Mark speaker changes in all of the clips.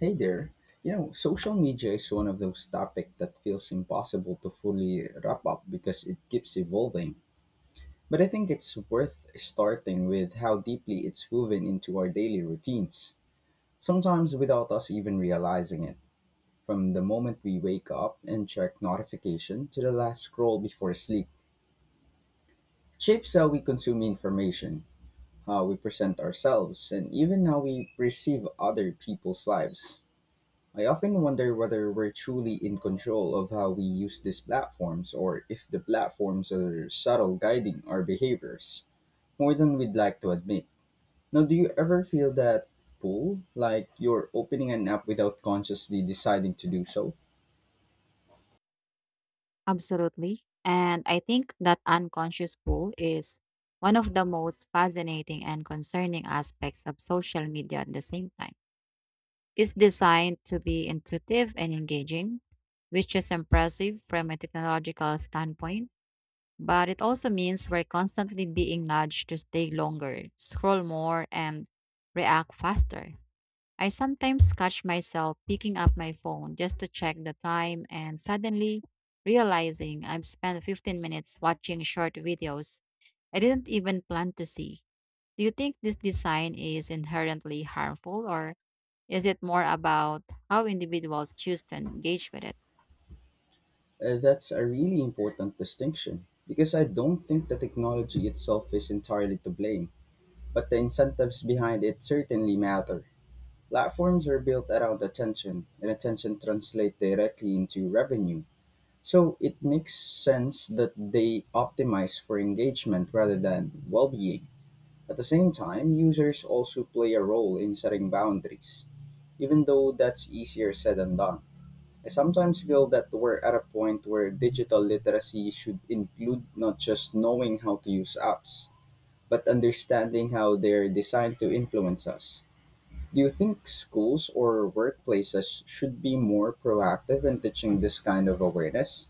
Speaker 1: Hey there. You know, social media is one of those topics that feels impossible to fully wrap up because it keeps evolving. But I think it's worth starting with how deeply it's woven into our daily routines, sometimes without us even realizing it. From the moment we wake up and check notification to the last scroll before sleep, it shapes how we consume information, how we present ourselves, and even how we perceive other people's lives. I often wonder whether we're truly in control of how we use these platforms or if the platforms are subtle guiding our behaviors more than we'd like to admit. Now, do you ever feel that pull, like you're opening an app without consciously deciding to do so?
Speaker 2: Absolutely. And I think that unconscious pull is one of the most fascinating and concerning aspects of social media at the same time. It's designed to be intuitive and engaging, which is impressive from a technological standpoint. But it also means we're constantly being nudged to stay longer, scroll more, and react faster. I sometimes catch myself picking up my phone just to check the time and suddenly realizing I've spent 15 minutes watching short videos I didn't even plan to see. Do you think this design is inherently harmful or is it more about how individuals choose to engage with it?
Speaker 1: That's a really important distinction because I don't think the technology itself is entirely to blame, but the incentives behind it certainly matter. Platforms are built around attention, and attention translates directly into revenue. So it makes sense that they optimize for engagement rather than well being. At the same time, users also play a role in setting boundaries, even though that's easier said than done. I sometimes feel that we're at a point where digital literacy should include not just knowing how to use apps, but understanding how they're designed to influence us. Do you think schools or workplaces should be more proactive in teaching this kind of awareness?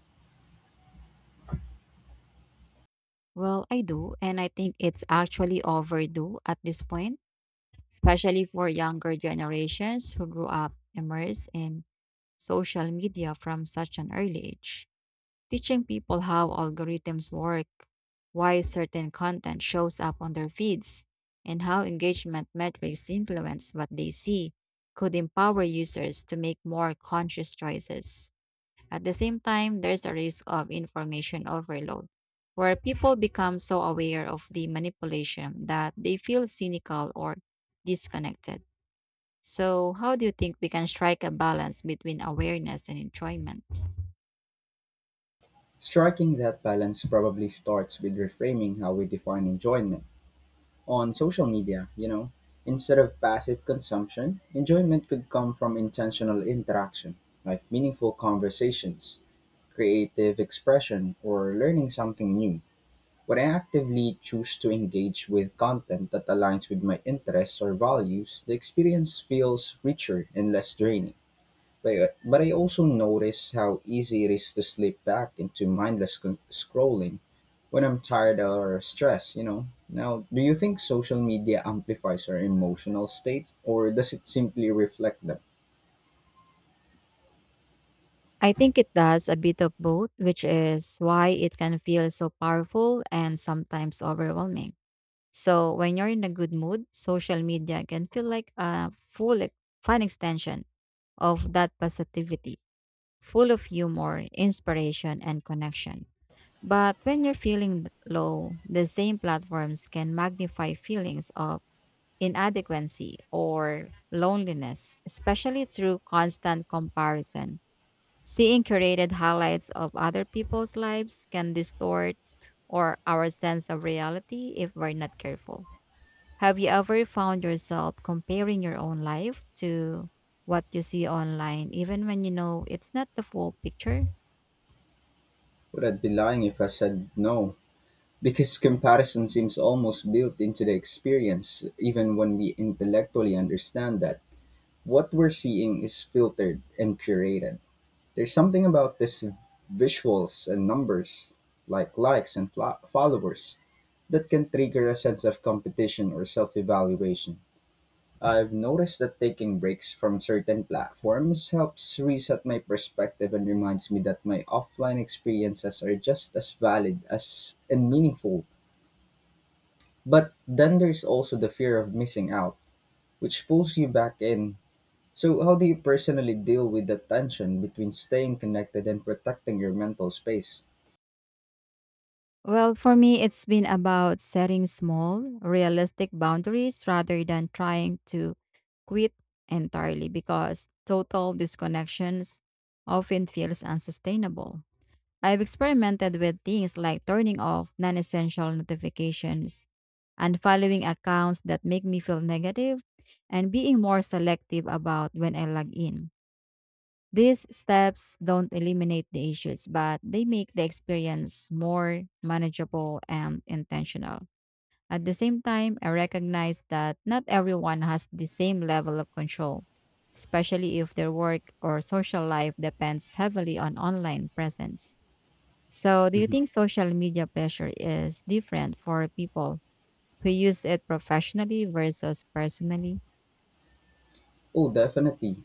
Speaker 2: Well, I do, and I think it's actually overdue at this point, especially for younger generations who grew up immersed in social media from such an early age. Teaching people how algorithms work, why certain content shows up on their feeds, and how engagement metrics influence what they see could empower users to make more conscious choices. At the same time, there's a risk of information overload, where people become so aware of the manipulation that they feel cynical or disconnected. So, how do you think we can strike a balance between awareness and enjoyment?
Speaker 1: Striking that balance probably starts with reframing how we define enjoyment. On social media, you know, instead of passive consumption, enjoyment could come from intentional interaction, like meaningful conversations, creative expression, or learning something new. When I actively choose to engage with content that aligns with my interests or values, the experience feels richer and less draining. But, anyway, but I also notice how easy it is to slip back into mindless scrolling when I'm tired or stressed, you know. Now, do you think social media amplifies our emotional states or does it simply reflect them?
Speaker 2: I think it does a bit of both, which is why it can feel so powerful and sometimes overwhelming. So, when you're in a good mood, social media can feel like a full, fun extension of that positivity, full of humor, inspiration, and connection. But when you're feeling low, the same platforms can magnify feelings of inadequacy or loneliness, especially through constant comparison. Seeing curated highlights of other people's lives can distort or our sense of reality if we're not careful. Have you ever found yourself comparing your own life to what you see online, even when you know it's not the full picture?
Speaker 1: Would I be lying if I said no? Because comparison seems almost built into the experience, even when we intellectually understand that what we're seeing is filtered and curated. There's something about these visuals and numbers, like likes and followers, that can trigger a sense of competition or self evaluation. I've noticed that taking breaks from certain platforms helps reset my perspective and reminds me that my offline experiences are just as valid as and meaningful. But then there's also the fear of missing out, which pulls you back in. So, how do you personally deal with the tension between staying connected and protecting your mental space?
Speaker 2: Well, for me, it's been about setting small, realistic boundaries rather than trying to quit entirely because total disconnections often feels unsustainable. I've experimented with things like turning off non essential notifications, unfollowing accounts that make me feel negative, and being more selective about when I log in. These steps don't eliminate the issues, but they make the experience more manageable and intentional. At the same time, I recognize that not everyone has the same level of control, especially if their work or social life depends heavily on online presence. So, do you
Speaker 1: Mhm.
Speaker 2: think social media pressure is different for people who use it professionally versus personally?
Speaker 1: Oh, definitely.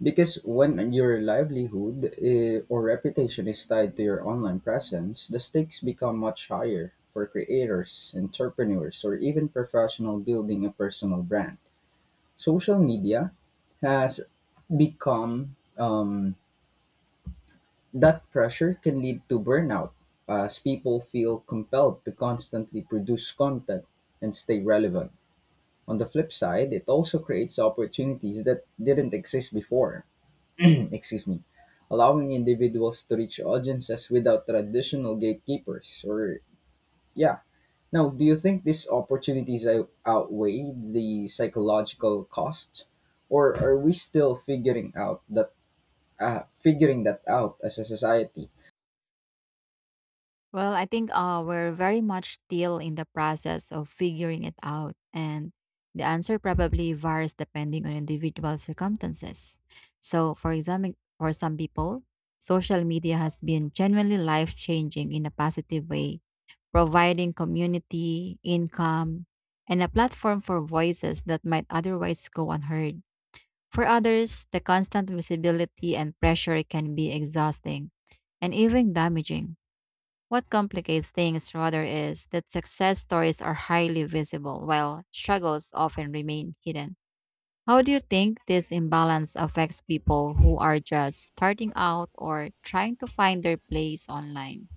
Speaker 1: Because when your livelihood or reputation is tied to your online presence, the stakes become much higher for creators, entrepreneurs, or even professional building a personal brand. Social media has become that pressure can lead to burnout, as people feel compelled to constantly produce content and stay relevant. On the flip side, it also creates opportunities that didn't exist before. Excuse me. Allowing individuals to reach audiences without traditional gatekeepers or yeah. Now, do you think these opportunities outweigh the psychological cost or are we still figuring out that figuring that out as a society?
Speaker 2: Well, I think we're very much still in the process of figuring it out, and the answer probably varies depending on individual circumstances. So, for example, for some people, social media has been genuinely life changing in a positive way, providing community, income, and a platform for voices that might otherwise go unheard. For others, the constant visibility and pressure can be exhausting and even damaging. What complicates things rather is that success stories are highly visible while struggles often remain hidden. How do you think this imbalance affects people who are just starting out or trying to find their place online?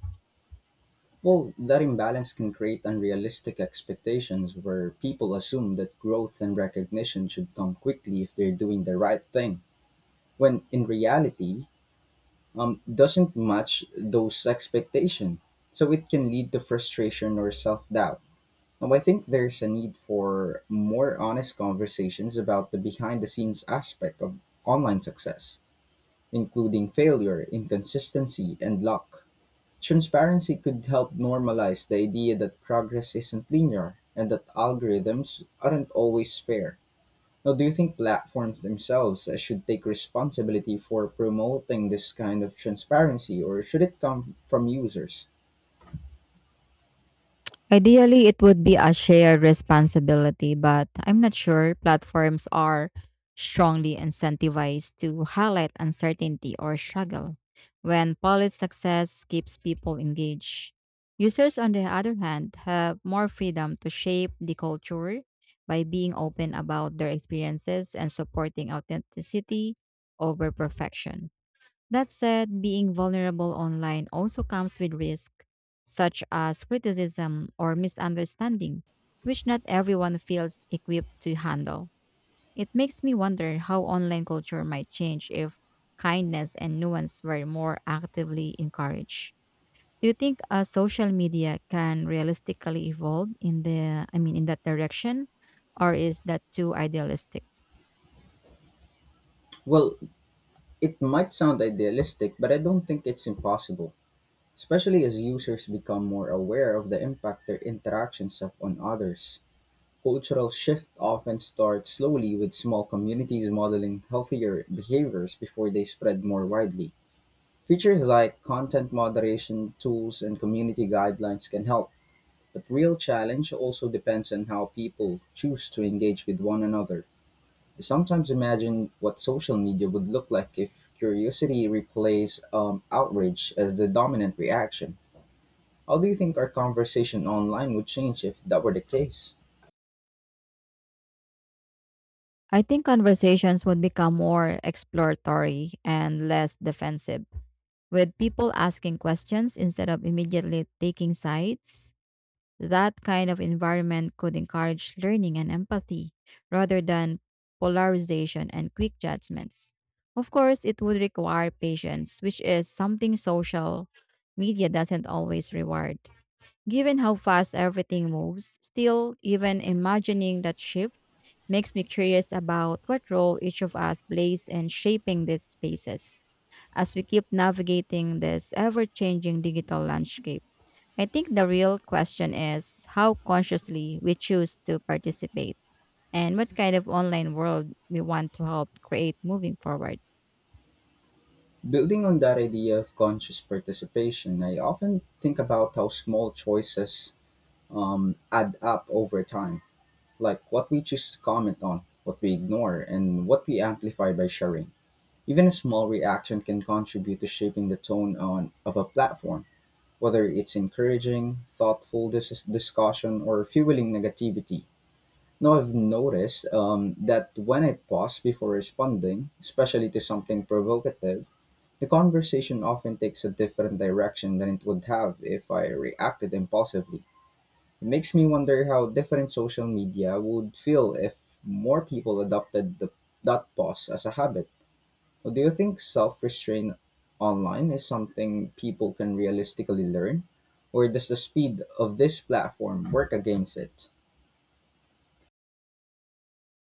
Speaker 1: Well, that imbalance can create unrealistic expectations where people assume that growth and recognition should come quickly if they're doing the right thing, when in reality, doesn't match those expectations. So it can lead to frustration or self doubt. Now, I think there's a need for more honest conversations about the behind the scenes aspect of online success, including failure, inconsistency, and luck. Transparency could help normalize the idea that progress isn't linear and that algorithms aren't always fair. Now, do you think platforms themselves should take responsibility for promoting this kind of transparency or should it come from users?
Speaker 2: Ideally, it would be a shared responsibility, but I'm not sure platforms are strongly incentivized to highlight uncertainty or struggle when polished success keeps people engaged. Users, on the other hand, have more freedom to shape the culture by being open about their experiences and supporting authenticity over perfection. That said, being vulnerable online also comes with risk, such as criticism or misunderstanding, which not everyone feels equipped to handle. It makes me wonder how online culture might change if kindness and nuance were more actively encouraged. Do you think social media can realistically evolve in the I mean in that direction or is that too idealistic?
Speaker 1: Well, it might sound idealistic, but I don't think it's impossible, especially as users become more aware of the impact their interactions have on others. Cultural shift often starts slowly with small communities modeling healthier behaviors before they spread more widely. Features like content moderation tools and community guidelines can help, but real challenge also depends on how people choose to engage with one another. I sometimes imagine what social media would look like if curiosity replaced outrage as the dominant reaction. How do you think our conversation online would change if that were the case?
Speaker 2: I think conversations would become more exploratory and less defensive with people asking questions instead of immediately taking sides. That kind of environment could encourage learning and empathy rather than polarization and quick judgments. Of course, it would require patience, which is something social media doesn't always reward. Given how fast everything moves, still, even imagining that shift makes me curious about what role each of us plays in shaping these spaces. As we keep navigating this ever changing digital landscape, I think the real question is how consciously we choose to participate and what kind of online world we want to help create moving forward.
Speaker 1: Building on that idea of conscious participation, I often think about how small choices add up over time, like what we choose to comment on, what we ignore, and what we amplify by sharing. Even a small reaction can contribute to shaping the tone of a platform, whether it's encouraging, thoughtful discussion, or fueling negativity. Now, I've noticed that when I pause before responding, especially to something provocative, the conversation often takes a different direction than it would have if I reacted impulsively. It makes me wonder how different social media would feel if more people adopted that pause as a habit. Well, do you think self restraint online is something people can realistically learn? Or does the speed of this platform work against it?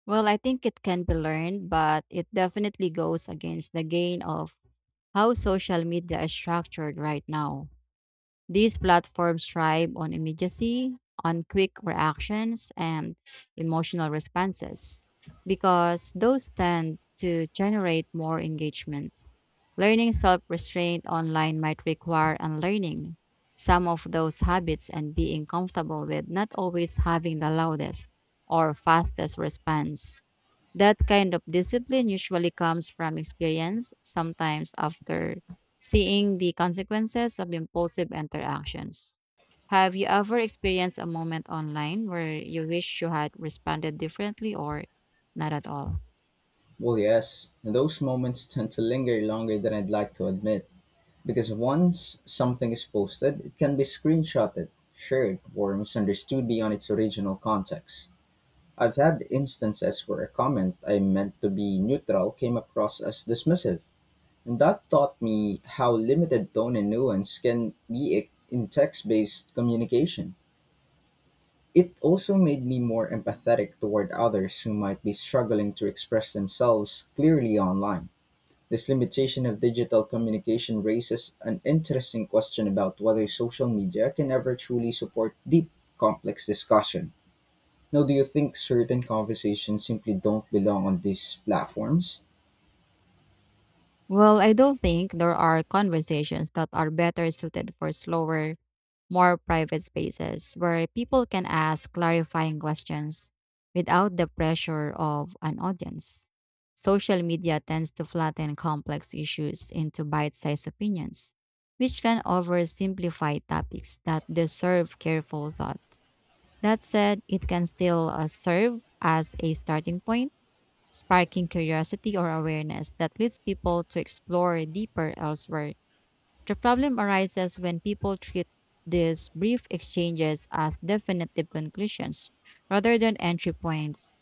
Speaker 2: Well, I think it can be learned, but it definitely goes against the gain of how social media is structured right now. These platforms thrive on immediacy, on quick reactions, and emotional responses because those tend to generate more engagement. Learning self restraint online might require unlearning some of those habits and being comfortable with not always having the loudest or fastest response. That kind of discipline usually comes from experience, sometimes after seeing the consequences of impulsive interactions. Have you ever experienced a moment online where you wish you had responded differently or not at all?
Speaker 1: Well, yes, those moments tend to linger longer than I'd like to admit. Because once something is posted, it can be screenshotted, shared, or misunderstood beyond its original context. I've had instances where a comment I meant to be neutral came across as dismissive, and that taught me how limited tone and nuance can be in text based communication. It also made me more empathetic toward others who might be struggling to express themselves clearly online. This limitation of digital communication raises an interesting question about whether social media can ever truly support deep, complex discussion. Now, do you think certain conversations simply don't belong on these platforms?
Speaker 2: Well, I don't think there are conversations that are better suited for slower more private spaces where people can ask clarifying questions without the pressure of an audience. Social media tends to flatten complex issues into bite sized opinions, which can oversimplify topics that deserve careful thought. That said, it can still serve as a starting point, sparking curiosity or awareness that leads people to explore deeper elsewhere. The problem arises when people treat these brief exchanges as definitive conclusions rather than entry points.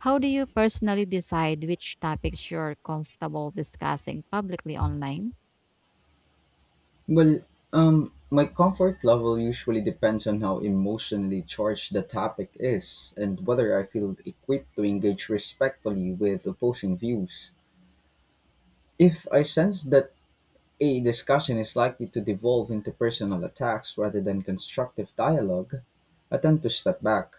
Speaker 2: How do you personally decide which topics you're comfortable discussing publicly online?
Speaker 1: Well, my comfort level usually depends on how emotionally charged the topic is and whether I feel equipped to engage respectfully with opposing views. If I sense that a discussion is likely to devolve into personal attacks rather than constructive dialogue. I tend to step back.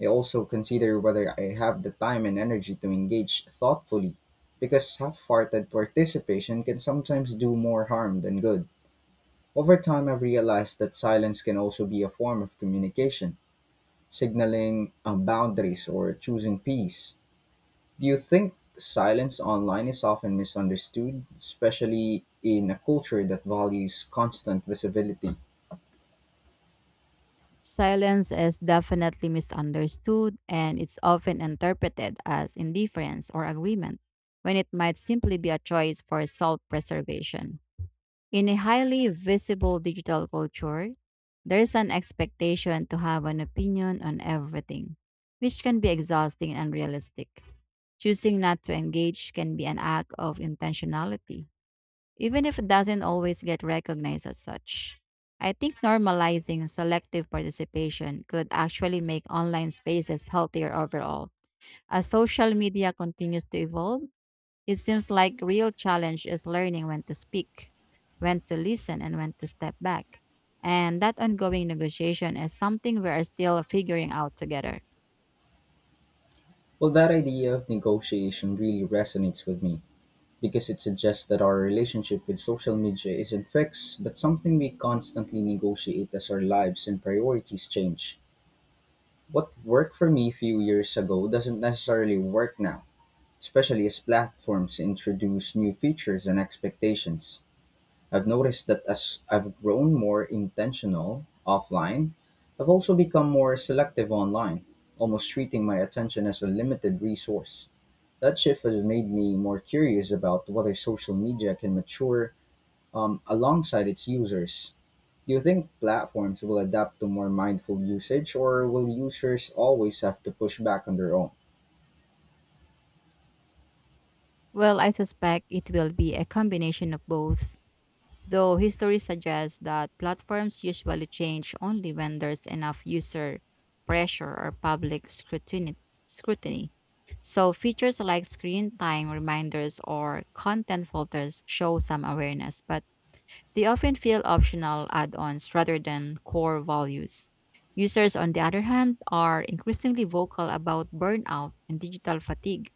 Speaker 1: I also consider whether I have the time and energy to engage thoughtfully, because half hearted participation can sometimes do more harm than good. Over time, I've realized that silence can also be a form of communication, signaling boundaries or choosing peace. Do you think silence online is often misunderstood, especially in a culture that values constant visibility?
Speaker 2: Silence is definitely misunderstood and it's often interpreted as indifference or agreement when it might simply be a choice for self preservation. In a highly visible digital culture, there's an expectation to have an opinion on everything, which can be exhausting and unrealistic. Choosing not to engage can be an act of intentionality, even if it doesn't always get recognized as such. I think normalizing selective participation could actually make online spaces healthier overall. As social media continues to evolve, it seems like real challenge is learning when to speak, when to listen and when to step back. And that ongoing negotiation is something we are still figuring out together.
Speaker 1: Well, that idea of negotiation really resonates with me because it suggests that our relationship with social media isn't fixed, but something we constantly negotiate as our lives and priorities change. What worked for me a few years ago doesn't necessarily work now, especially as platforms introduce new features and expectations. I've noticed that as I've grown more intentional offline, I've also become more selective online, almost treating my attention as a limited resource. That shift has made me more curious about whether social media can mature alongside its users. Do you think platforms will adapt to more mindful usage, or will users always have to push back on their own?
Speaker 2: Well, I suspect it will be a combination of both, though history suggests that platforms usually change only when there's enough user pressure or public scrutiny. So features like screen time reminders or content filters show some awareness, but they often feel optional add ons rather than core values. Users, on the other hand, are increasingly vocal about burnout and digital fatigue,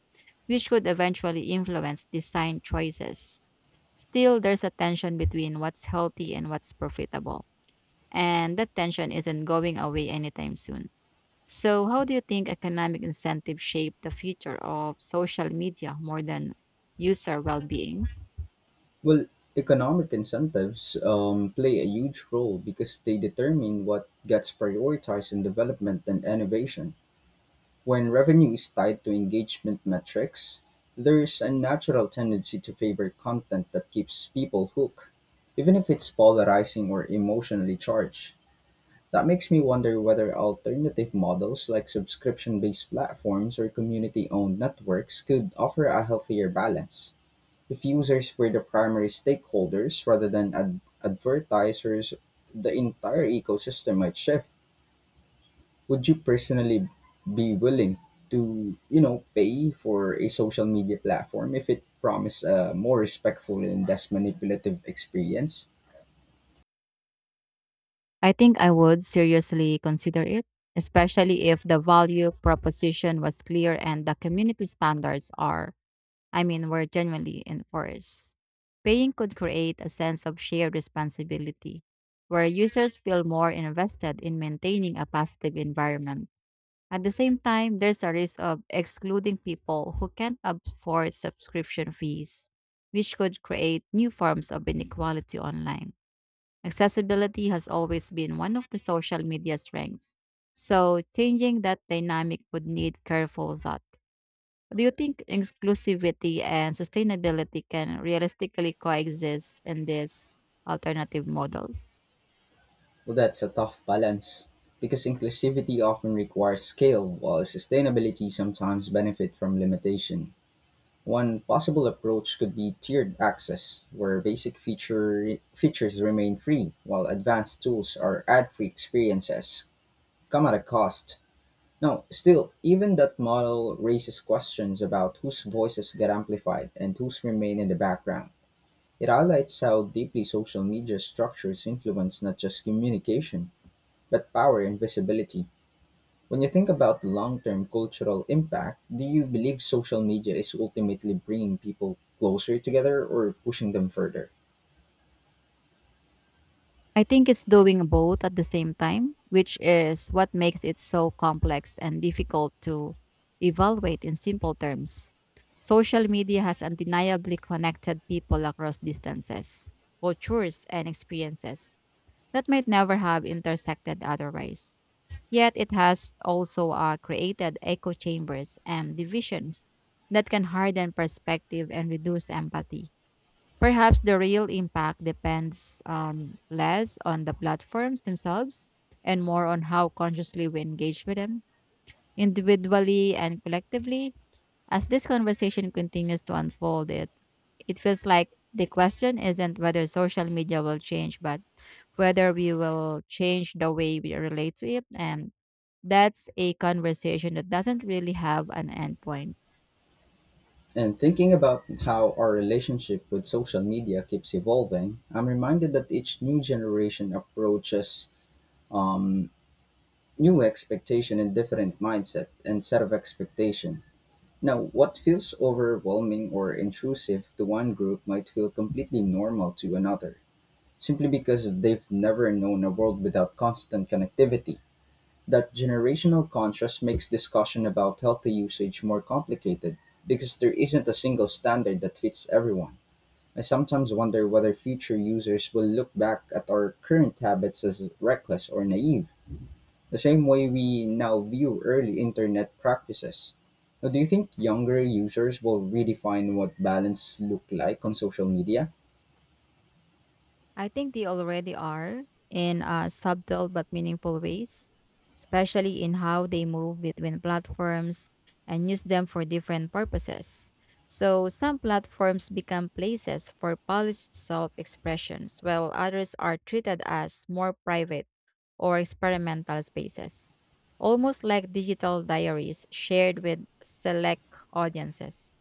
Speaker 2: which could eventually influence design choices. Still, there's a tension between what's healthy and what's profitable, and that tension isn't going away anytime soon. So, how do you think economic incentives shape the future of social media more than user well being?
Speaker 1: Well, economic incentives play a huge role because they determine what gets prioritized in development and innovation. When revenue is tied to engagement metrics, there's a natural tendency to favor content that keeps people hooked, even if it's polarizing or emotionally charged. That makes me wonder whether alternative models like subscription based platforms or community owned networks could offer a healthier balance. If users were the primary stakeholders rather than ad advertisers, the entire ecosystem might shift. Would you personally be willing to, you know, pay for a social media platform if it promised a more respectful and less manipulative experience?
Speaker 2: I think I would seriously consider it, especially if the value proposition was clear and the community standards are, I mean, were genuinely enforced. Paying could create a sense of shared responsibility where users feel more invested in maintaining a positive environment. At the same time, there's a risk of excluding people who can't afford subscription fees, which could create new forms of inequality online. Accessibility has always been one of the social media strengths. So changing that dynamic would need careful thought. Do you think inclusivity and sustainability can realistically coexist in these alternative models?
Speaker 1: Well, that's a tough balance because inclusivity often requires scale, while sustainability sometimes benefit from limitation. One possible approach could be tiered access, where basic features remain free, while advanced tools or ad-free experiences come at a cost. Now, still, even that model raises questions about whose voices get amplified and whose remain in the background. It highlights how deeply social media structures influence not just communication, but power and visibility. When you think about the long term cultural impact, do you believe social media is ultimately bringing people closer together or pushing them further?
Speaker 2: I think it's doing both at the same time, which is what makes it so complex and difficult to evaluate in simple terms. Social media has undeniably connected people across distances, cultures, and experiences that might never have intersected otherwise. Yet it has also created echo chambers and divisions that can harden perspective and reduce empathy. Perhaps the real impact depends less on the platforms themselves and more on how consciously we engage with them, individually and collectively. As this conversation continues to unfold, it feels like the question isn't whether social media will change, but whether we will change the way we relate to it. And that's a conversation that doesn't really have an endpoint.
Speaker 1: And thinking about how our relationship with social media keeps evolving, I'm reminded that each new generation approaches um, new expectation and different mindset and set of expectation. Now, what feels overwhelming or intrusive to one group might feel completely normal to another. Simply because they've never known a world without constant connectivity. That generational contrast makes discussion about healthy usage more complicated because there isn't a single standard that fits everyone. I sometimes wonder whether future users will look back at our current habits as reckless or naive, the same way we now view early internet practices. Now, do you think younger users will redefine what balance looked like on social media?
Speaker 2: I think they already are in subtle but meaningful ways, especially in how they move between platforms and use them for different purposes. So, some platforms become places for polished self expressions, while others are treated as more private or experimental spaces, almost like digital diaries shared with select audiences.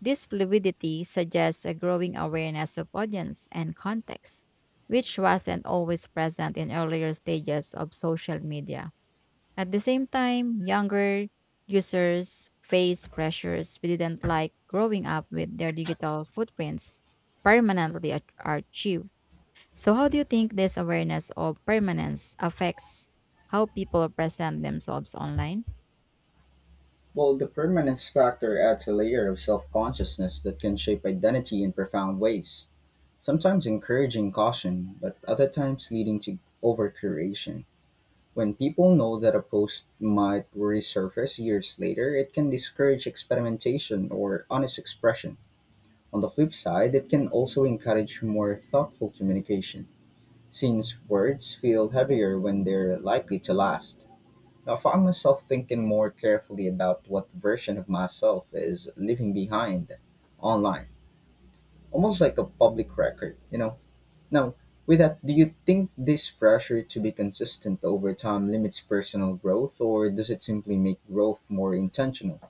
Speaker 2: This fluidity suggests a growing awareness of audience and context, which wasn't always present in earlier stages of social media. At the same time, younger users face pressures we didn't like growing up with their digital footprints permanently archived. So, how do you think this awareness of permanence affects how people present themselves online?
Speaker 1: Well, the permanence factor adds a layer of self consciousness that can shape identity in profound ways, sometimes encouraging caution, but other times leading to overcuration. When people know that a post might resurface years later, it can discourage experimentation or honest expression. On the flip side, it can also encourage more thoughtful communication, since words feel heavier when they're likely to last. I found myself thinking more carefully about what version of myself is leaving behind online, almost like a public record, you know? Now, with that, do you think this pressure to be consistent over time limits personal growth, or does it simply make growth more intentional?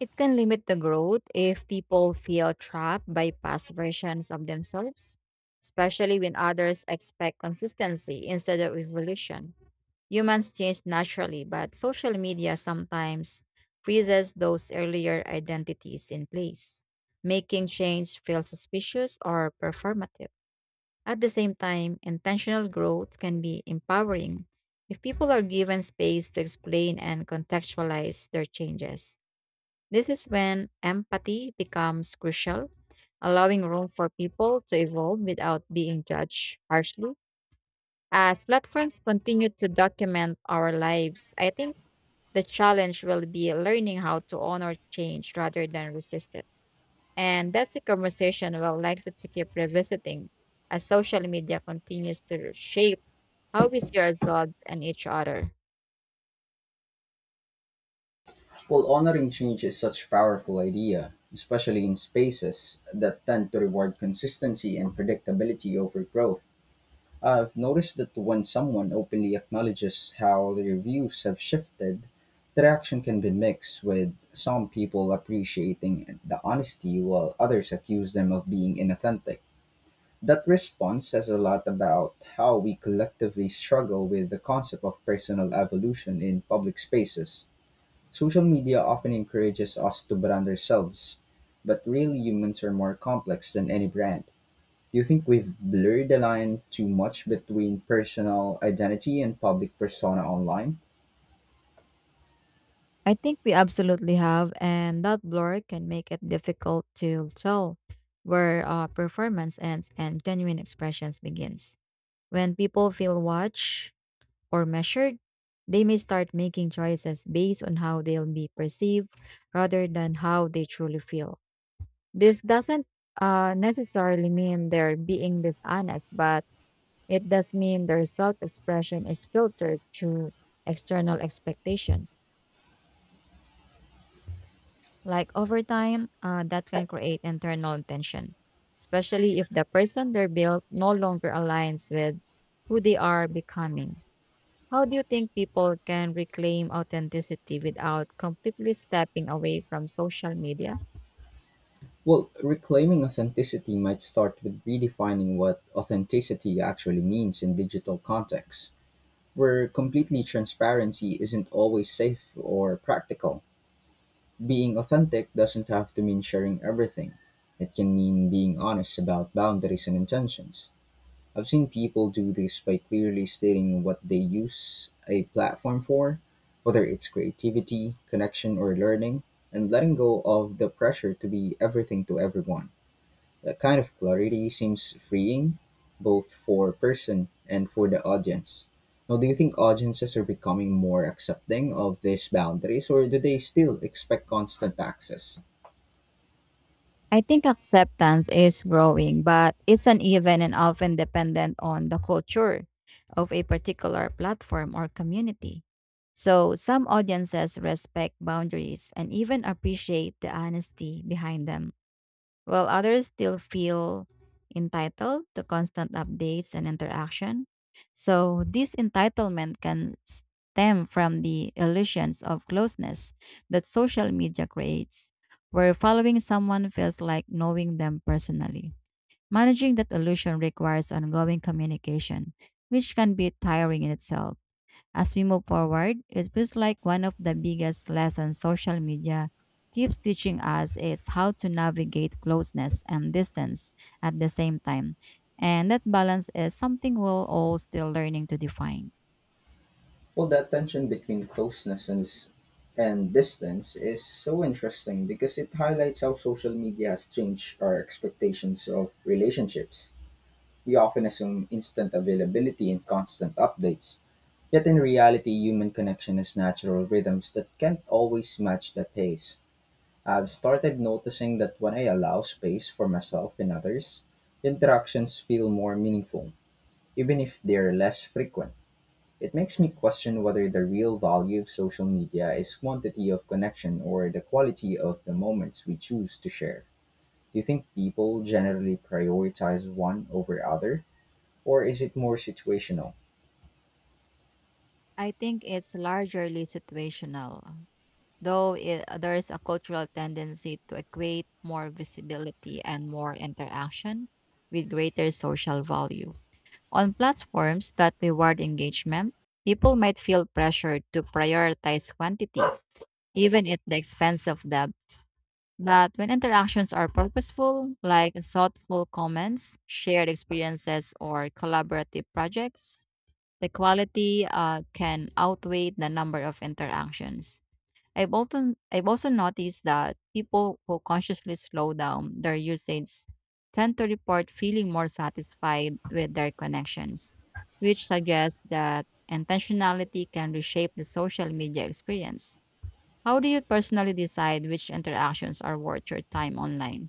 Speaker 2: It can limit the growth if people feel trapped by past versions of themselves, especially when others expect consistency instead of evolution. Humans change naturally, but social media sometimes freezes those earlier identities in place, making change feel suspicious or performative. At the same time, intentional growth can be empowering if people are given space to explain and contextualize their changes. This is when empathy becomes crucial, allowing room for people to evolve without being judged harshly. As platforms continue to document our lives, I think the challenge will be learning how to honor change rather than resist it. And that's a conversation we'll likely to keep revisiting as social media continues to shape how we see ourselves and each other.
Speaker 1: Well, honoring change is such a powerful idea, especially in spaces that tend to reward consistency and predictability over growth. I've noticed that when someone openly acknowledges how their views have shifted, the reaction can be mixed, with some people appreciating the honesty while others accuse them of being inauthentic. That response says a lot about how we collectively struggle with the concept of personal evolution in public spaces. Social media often encourages us to brand ourselves, but real humans are more complex than any brand. Do you think we've blurred the line too much between personal identity and public persona online?
Speaker 2: I think we absolutely have, and that blur can make it difficult to tell where performance ends and genuine expressions begins. When people feel watched or measured, they may start making choices based on how they'll be perceived rather than how they truly feel. This doesn't necessarily mean they're being dishonest, but it does mean their self expression is filtered through external expectations. Like over time, that can create internal tension, especially if the person they're built no longer aligns with who they are becoming. How do you think people can reclaim authenticity without completely stepping away from social media?
Speaker 1: Well, reclaiming authenticity might start with redefining what authenticity actually means in digital contexts, where completely transparency isn't always safe or practical. Being authentic doesn't have to mean sharing everything, it can mean being honest about boundaries and intentions. I've seen people do this by clearly stating what they use a platform for, whether it's creativity, connection, or learning, and letting go of the pressure to be everything to everyone. That kind of clarity seems freeing, both for person and for the audience. Now, do you think audiences are becoming more accepting of these boundaries, or do they still expect constant access?
Speaker 2: I think acceptance is growing, but it's uneven and often dependent on the culture of a particular platform or community. So, some audiences respect boundaries and even appreciate the honesty behind them while others still feel entitled to constant updates and interaction. So, this entitlement can stem from the illusions of closeness that social media creates, where following someone feels like knowing them personally. Managing that illusion requires ongoing communication, which can be tiring in itself. As we move forward, it feels like one of the biggest lessons social media keeps teaching us is how to navigate closeness and distance at the same time. And that balance is something we're all still learning to define.
Speaker 1: Well, that tension between and distance is so interesting because it highlights how social media has changed our expectations of relationships. We often assume instant availability and constant updates, yet in reality, human connection has natural rhythms that can't always match that pace. I've started noticing that when I allow space for myself and others, interactions feel more meaningful, even if they're less frequent. It makes me question whether the real value of social media is quantity of connection or the quality of the moments we choose to share. Do you think people generally prioritize one over other, or is it more situational?
Speaker 2: I think it's largely situational, though it, there's a cultural tendency to equate more visibility and more interaction with greater social value. On platforms that reward engagement, people might feel pressured to prioritize quantity, even at the expense of depth. But when interactions are purposeful, like thoughtful comments, shared experiences, or collaborative projects, the quality can outweigh the number of interactions. I've also noticed that people who consciously slow down their usage tend to report feeling more satisfied with their connections, which suggests that intentionality can reshape the social media experience. How do you personally decide which interactions are worth your time online?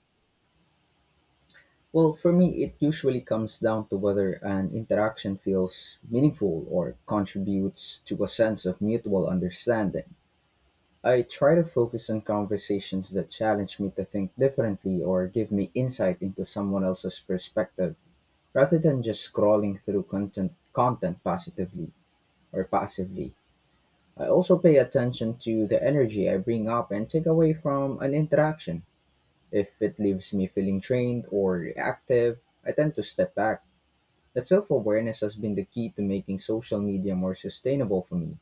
Speaker 1: Well, for me, it usually comes down to whether an interaction feels meaningful or contributes to a sense of mutual understanding. I try to focus on conversations that challenge me to think differently or give me insight into someone else's perspective. Rather than just scrolling through content positively or passively, I also pay attention to the energy I bring up and take away from an interaction. If it leaves me feeling drained or reactive, I tend to step back. That self awareness has been the key to making social media more sustainable for me.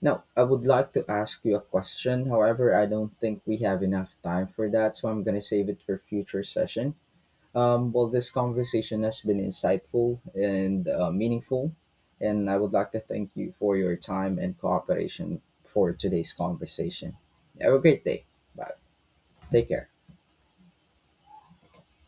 Speaker 1: Now, I would like to ask you a question. However, I don't think we have enough time for that, so I'm going to save it for future session. Well, this conversation has been insightful and meaningful, and I would like to thank you for your time and cooperation for today's conversation. Have a great day. Bye. Take care.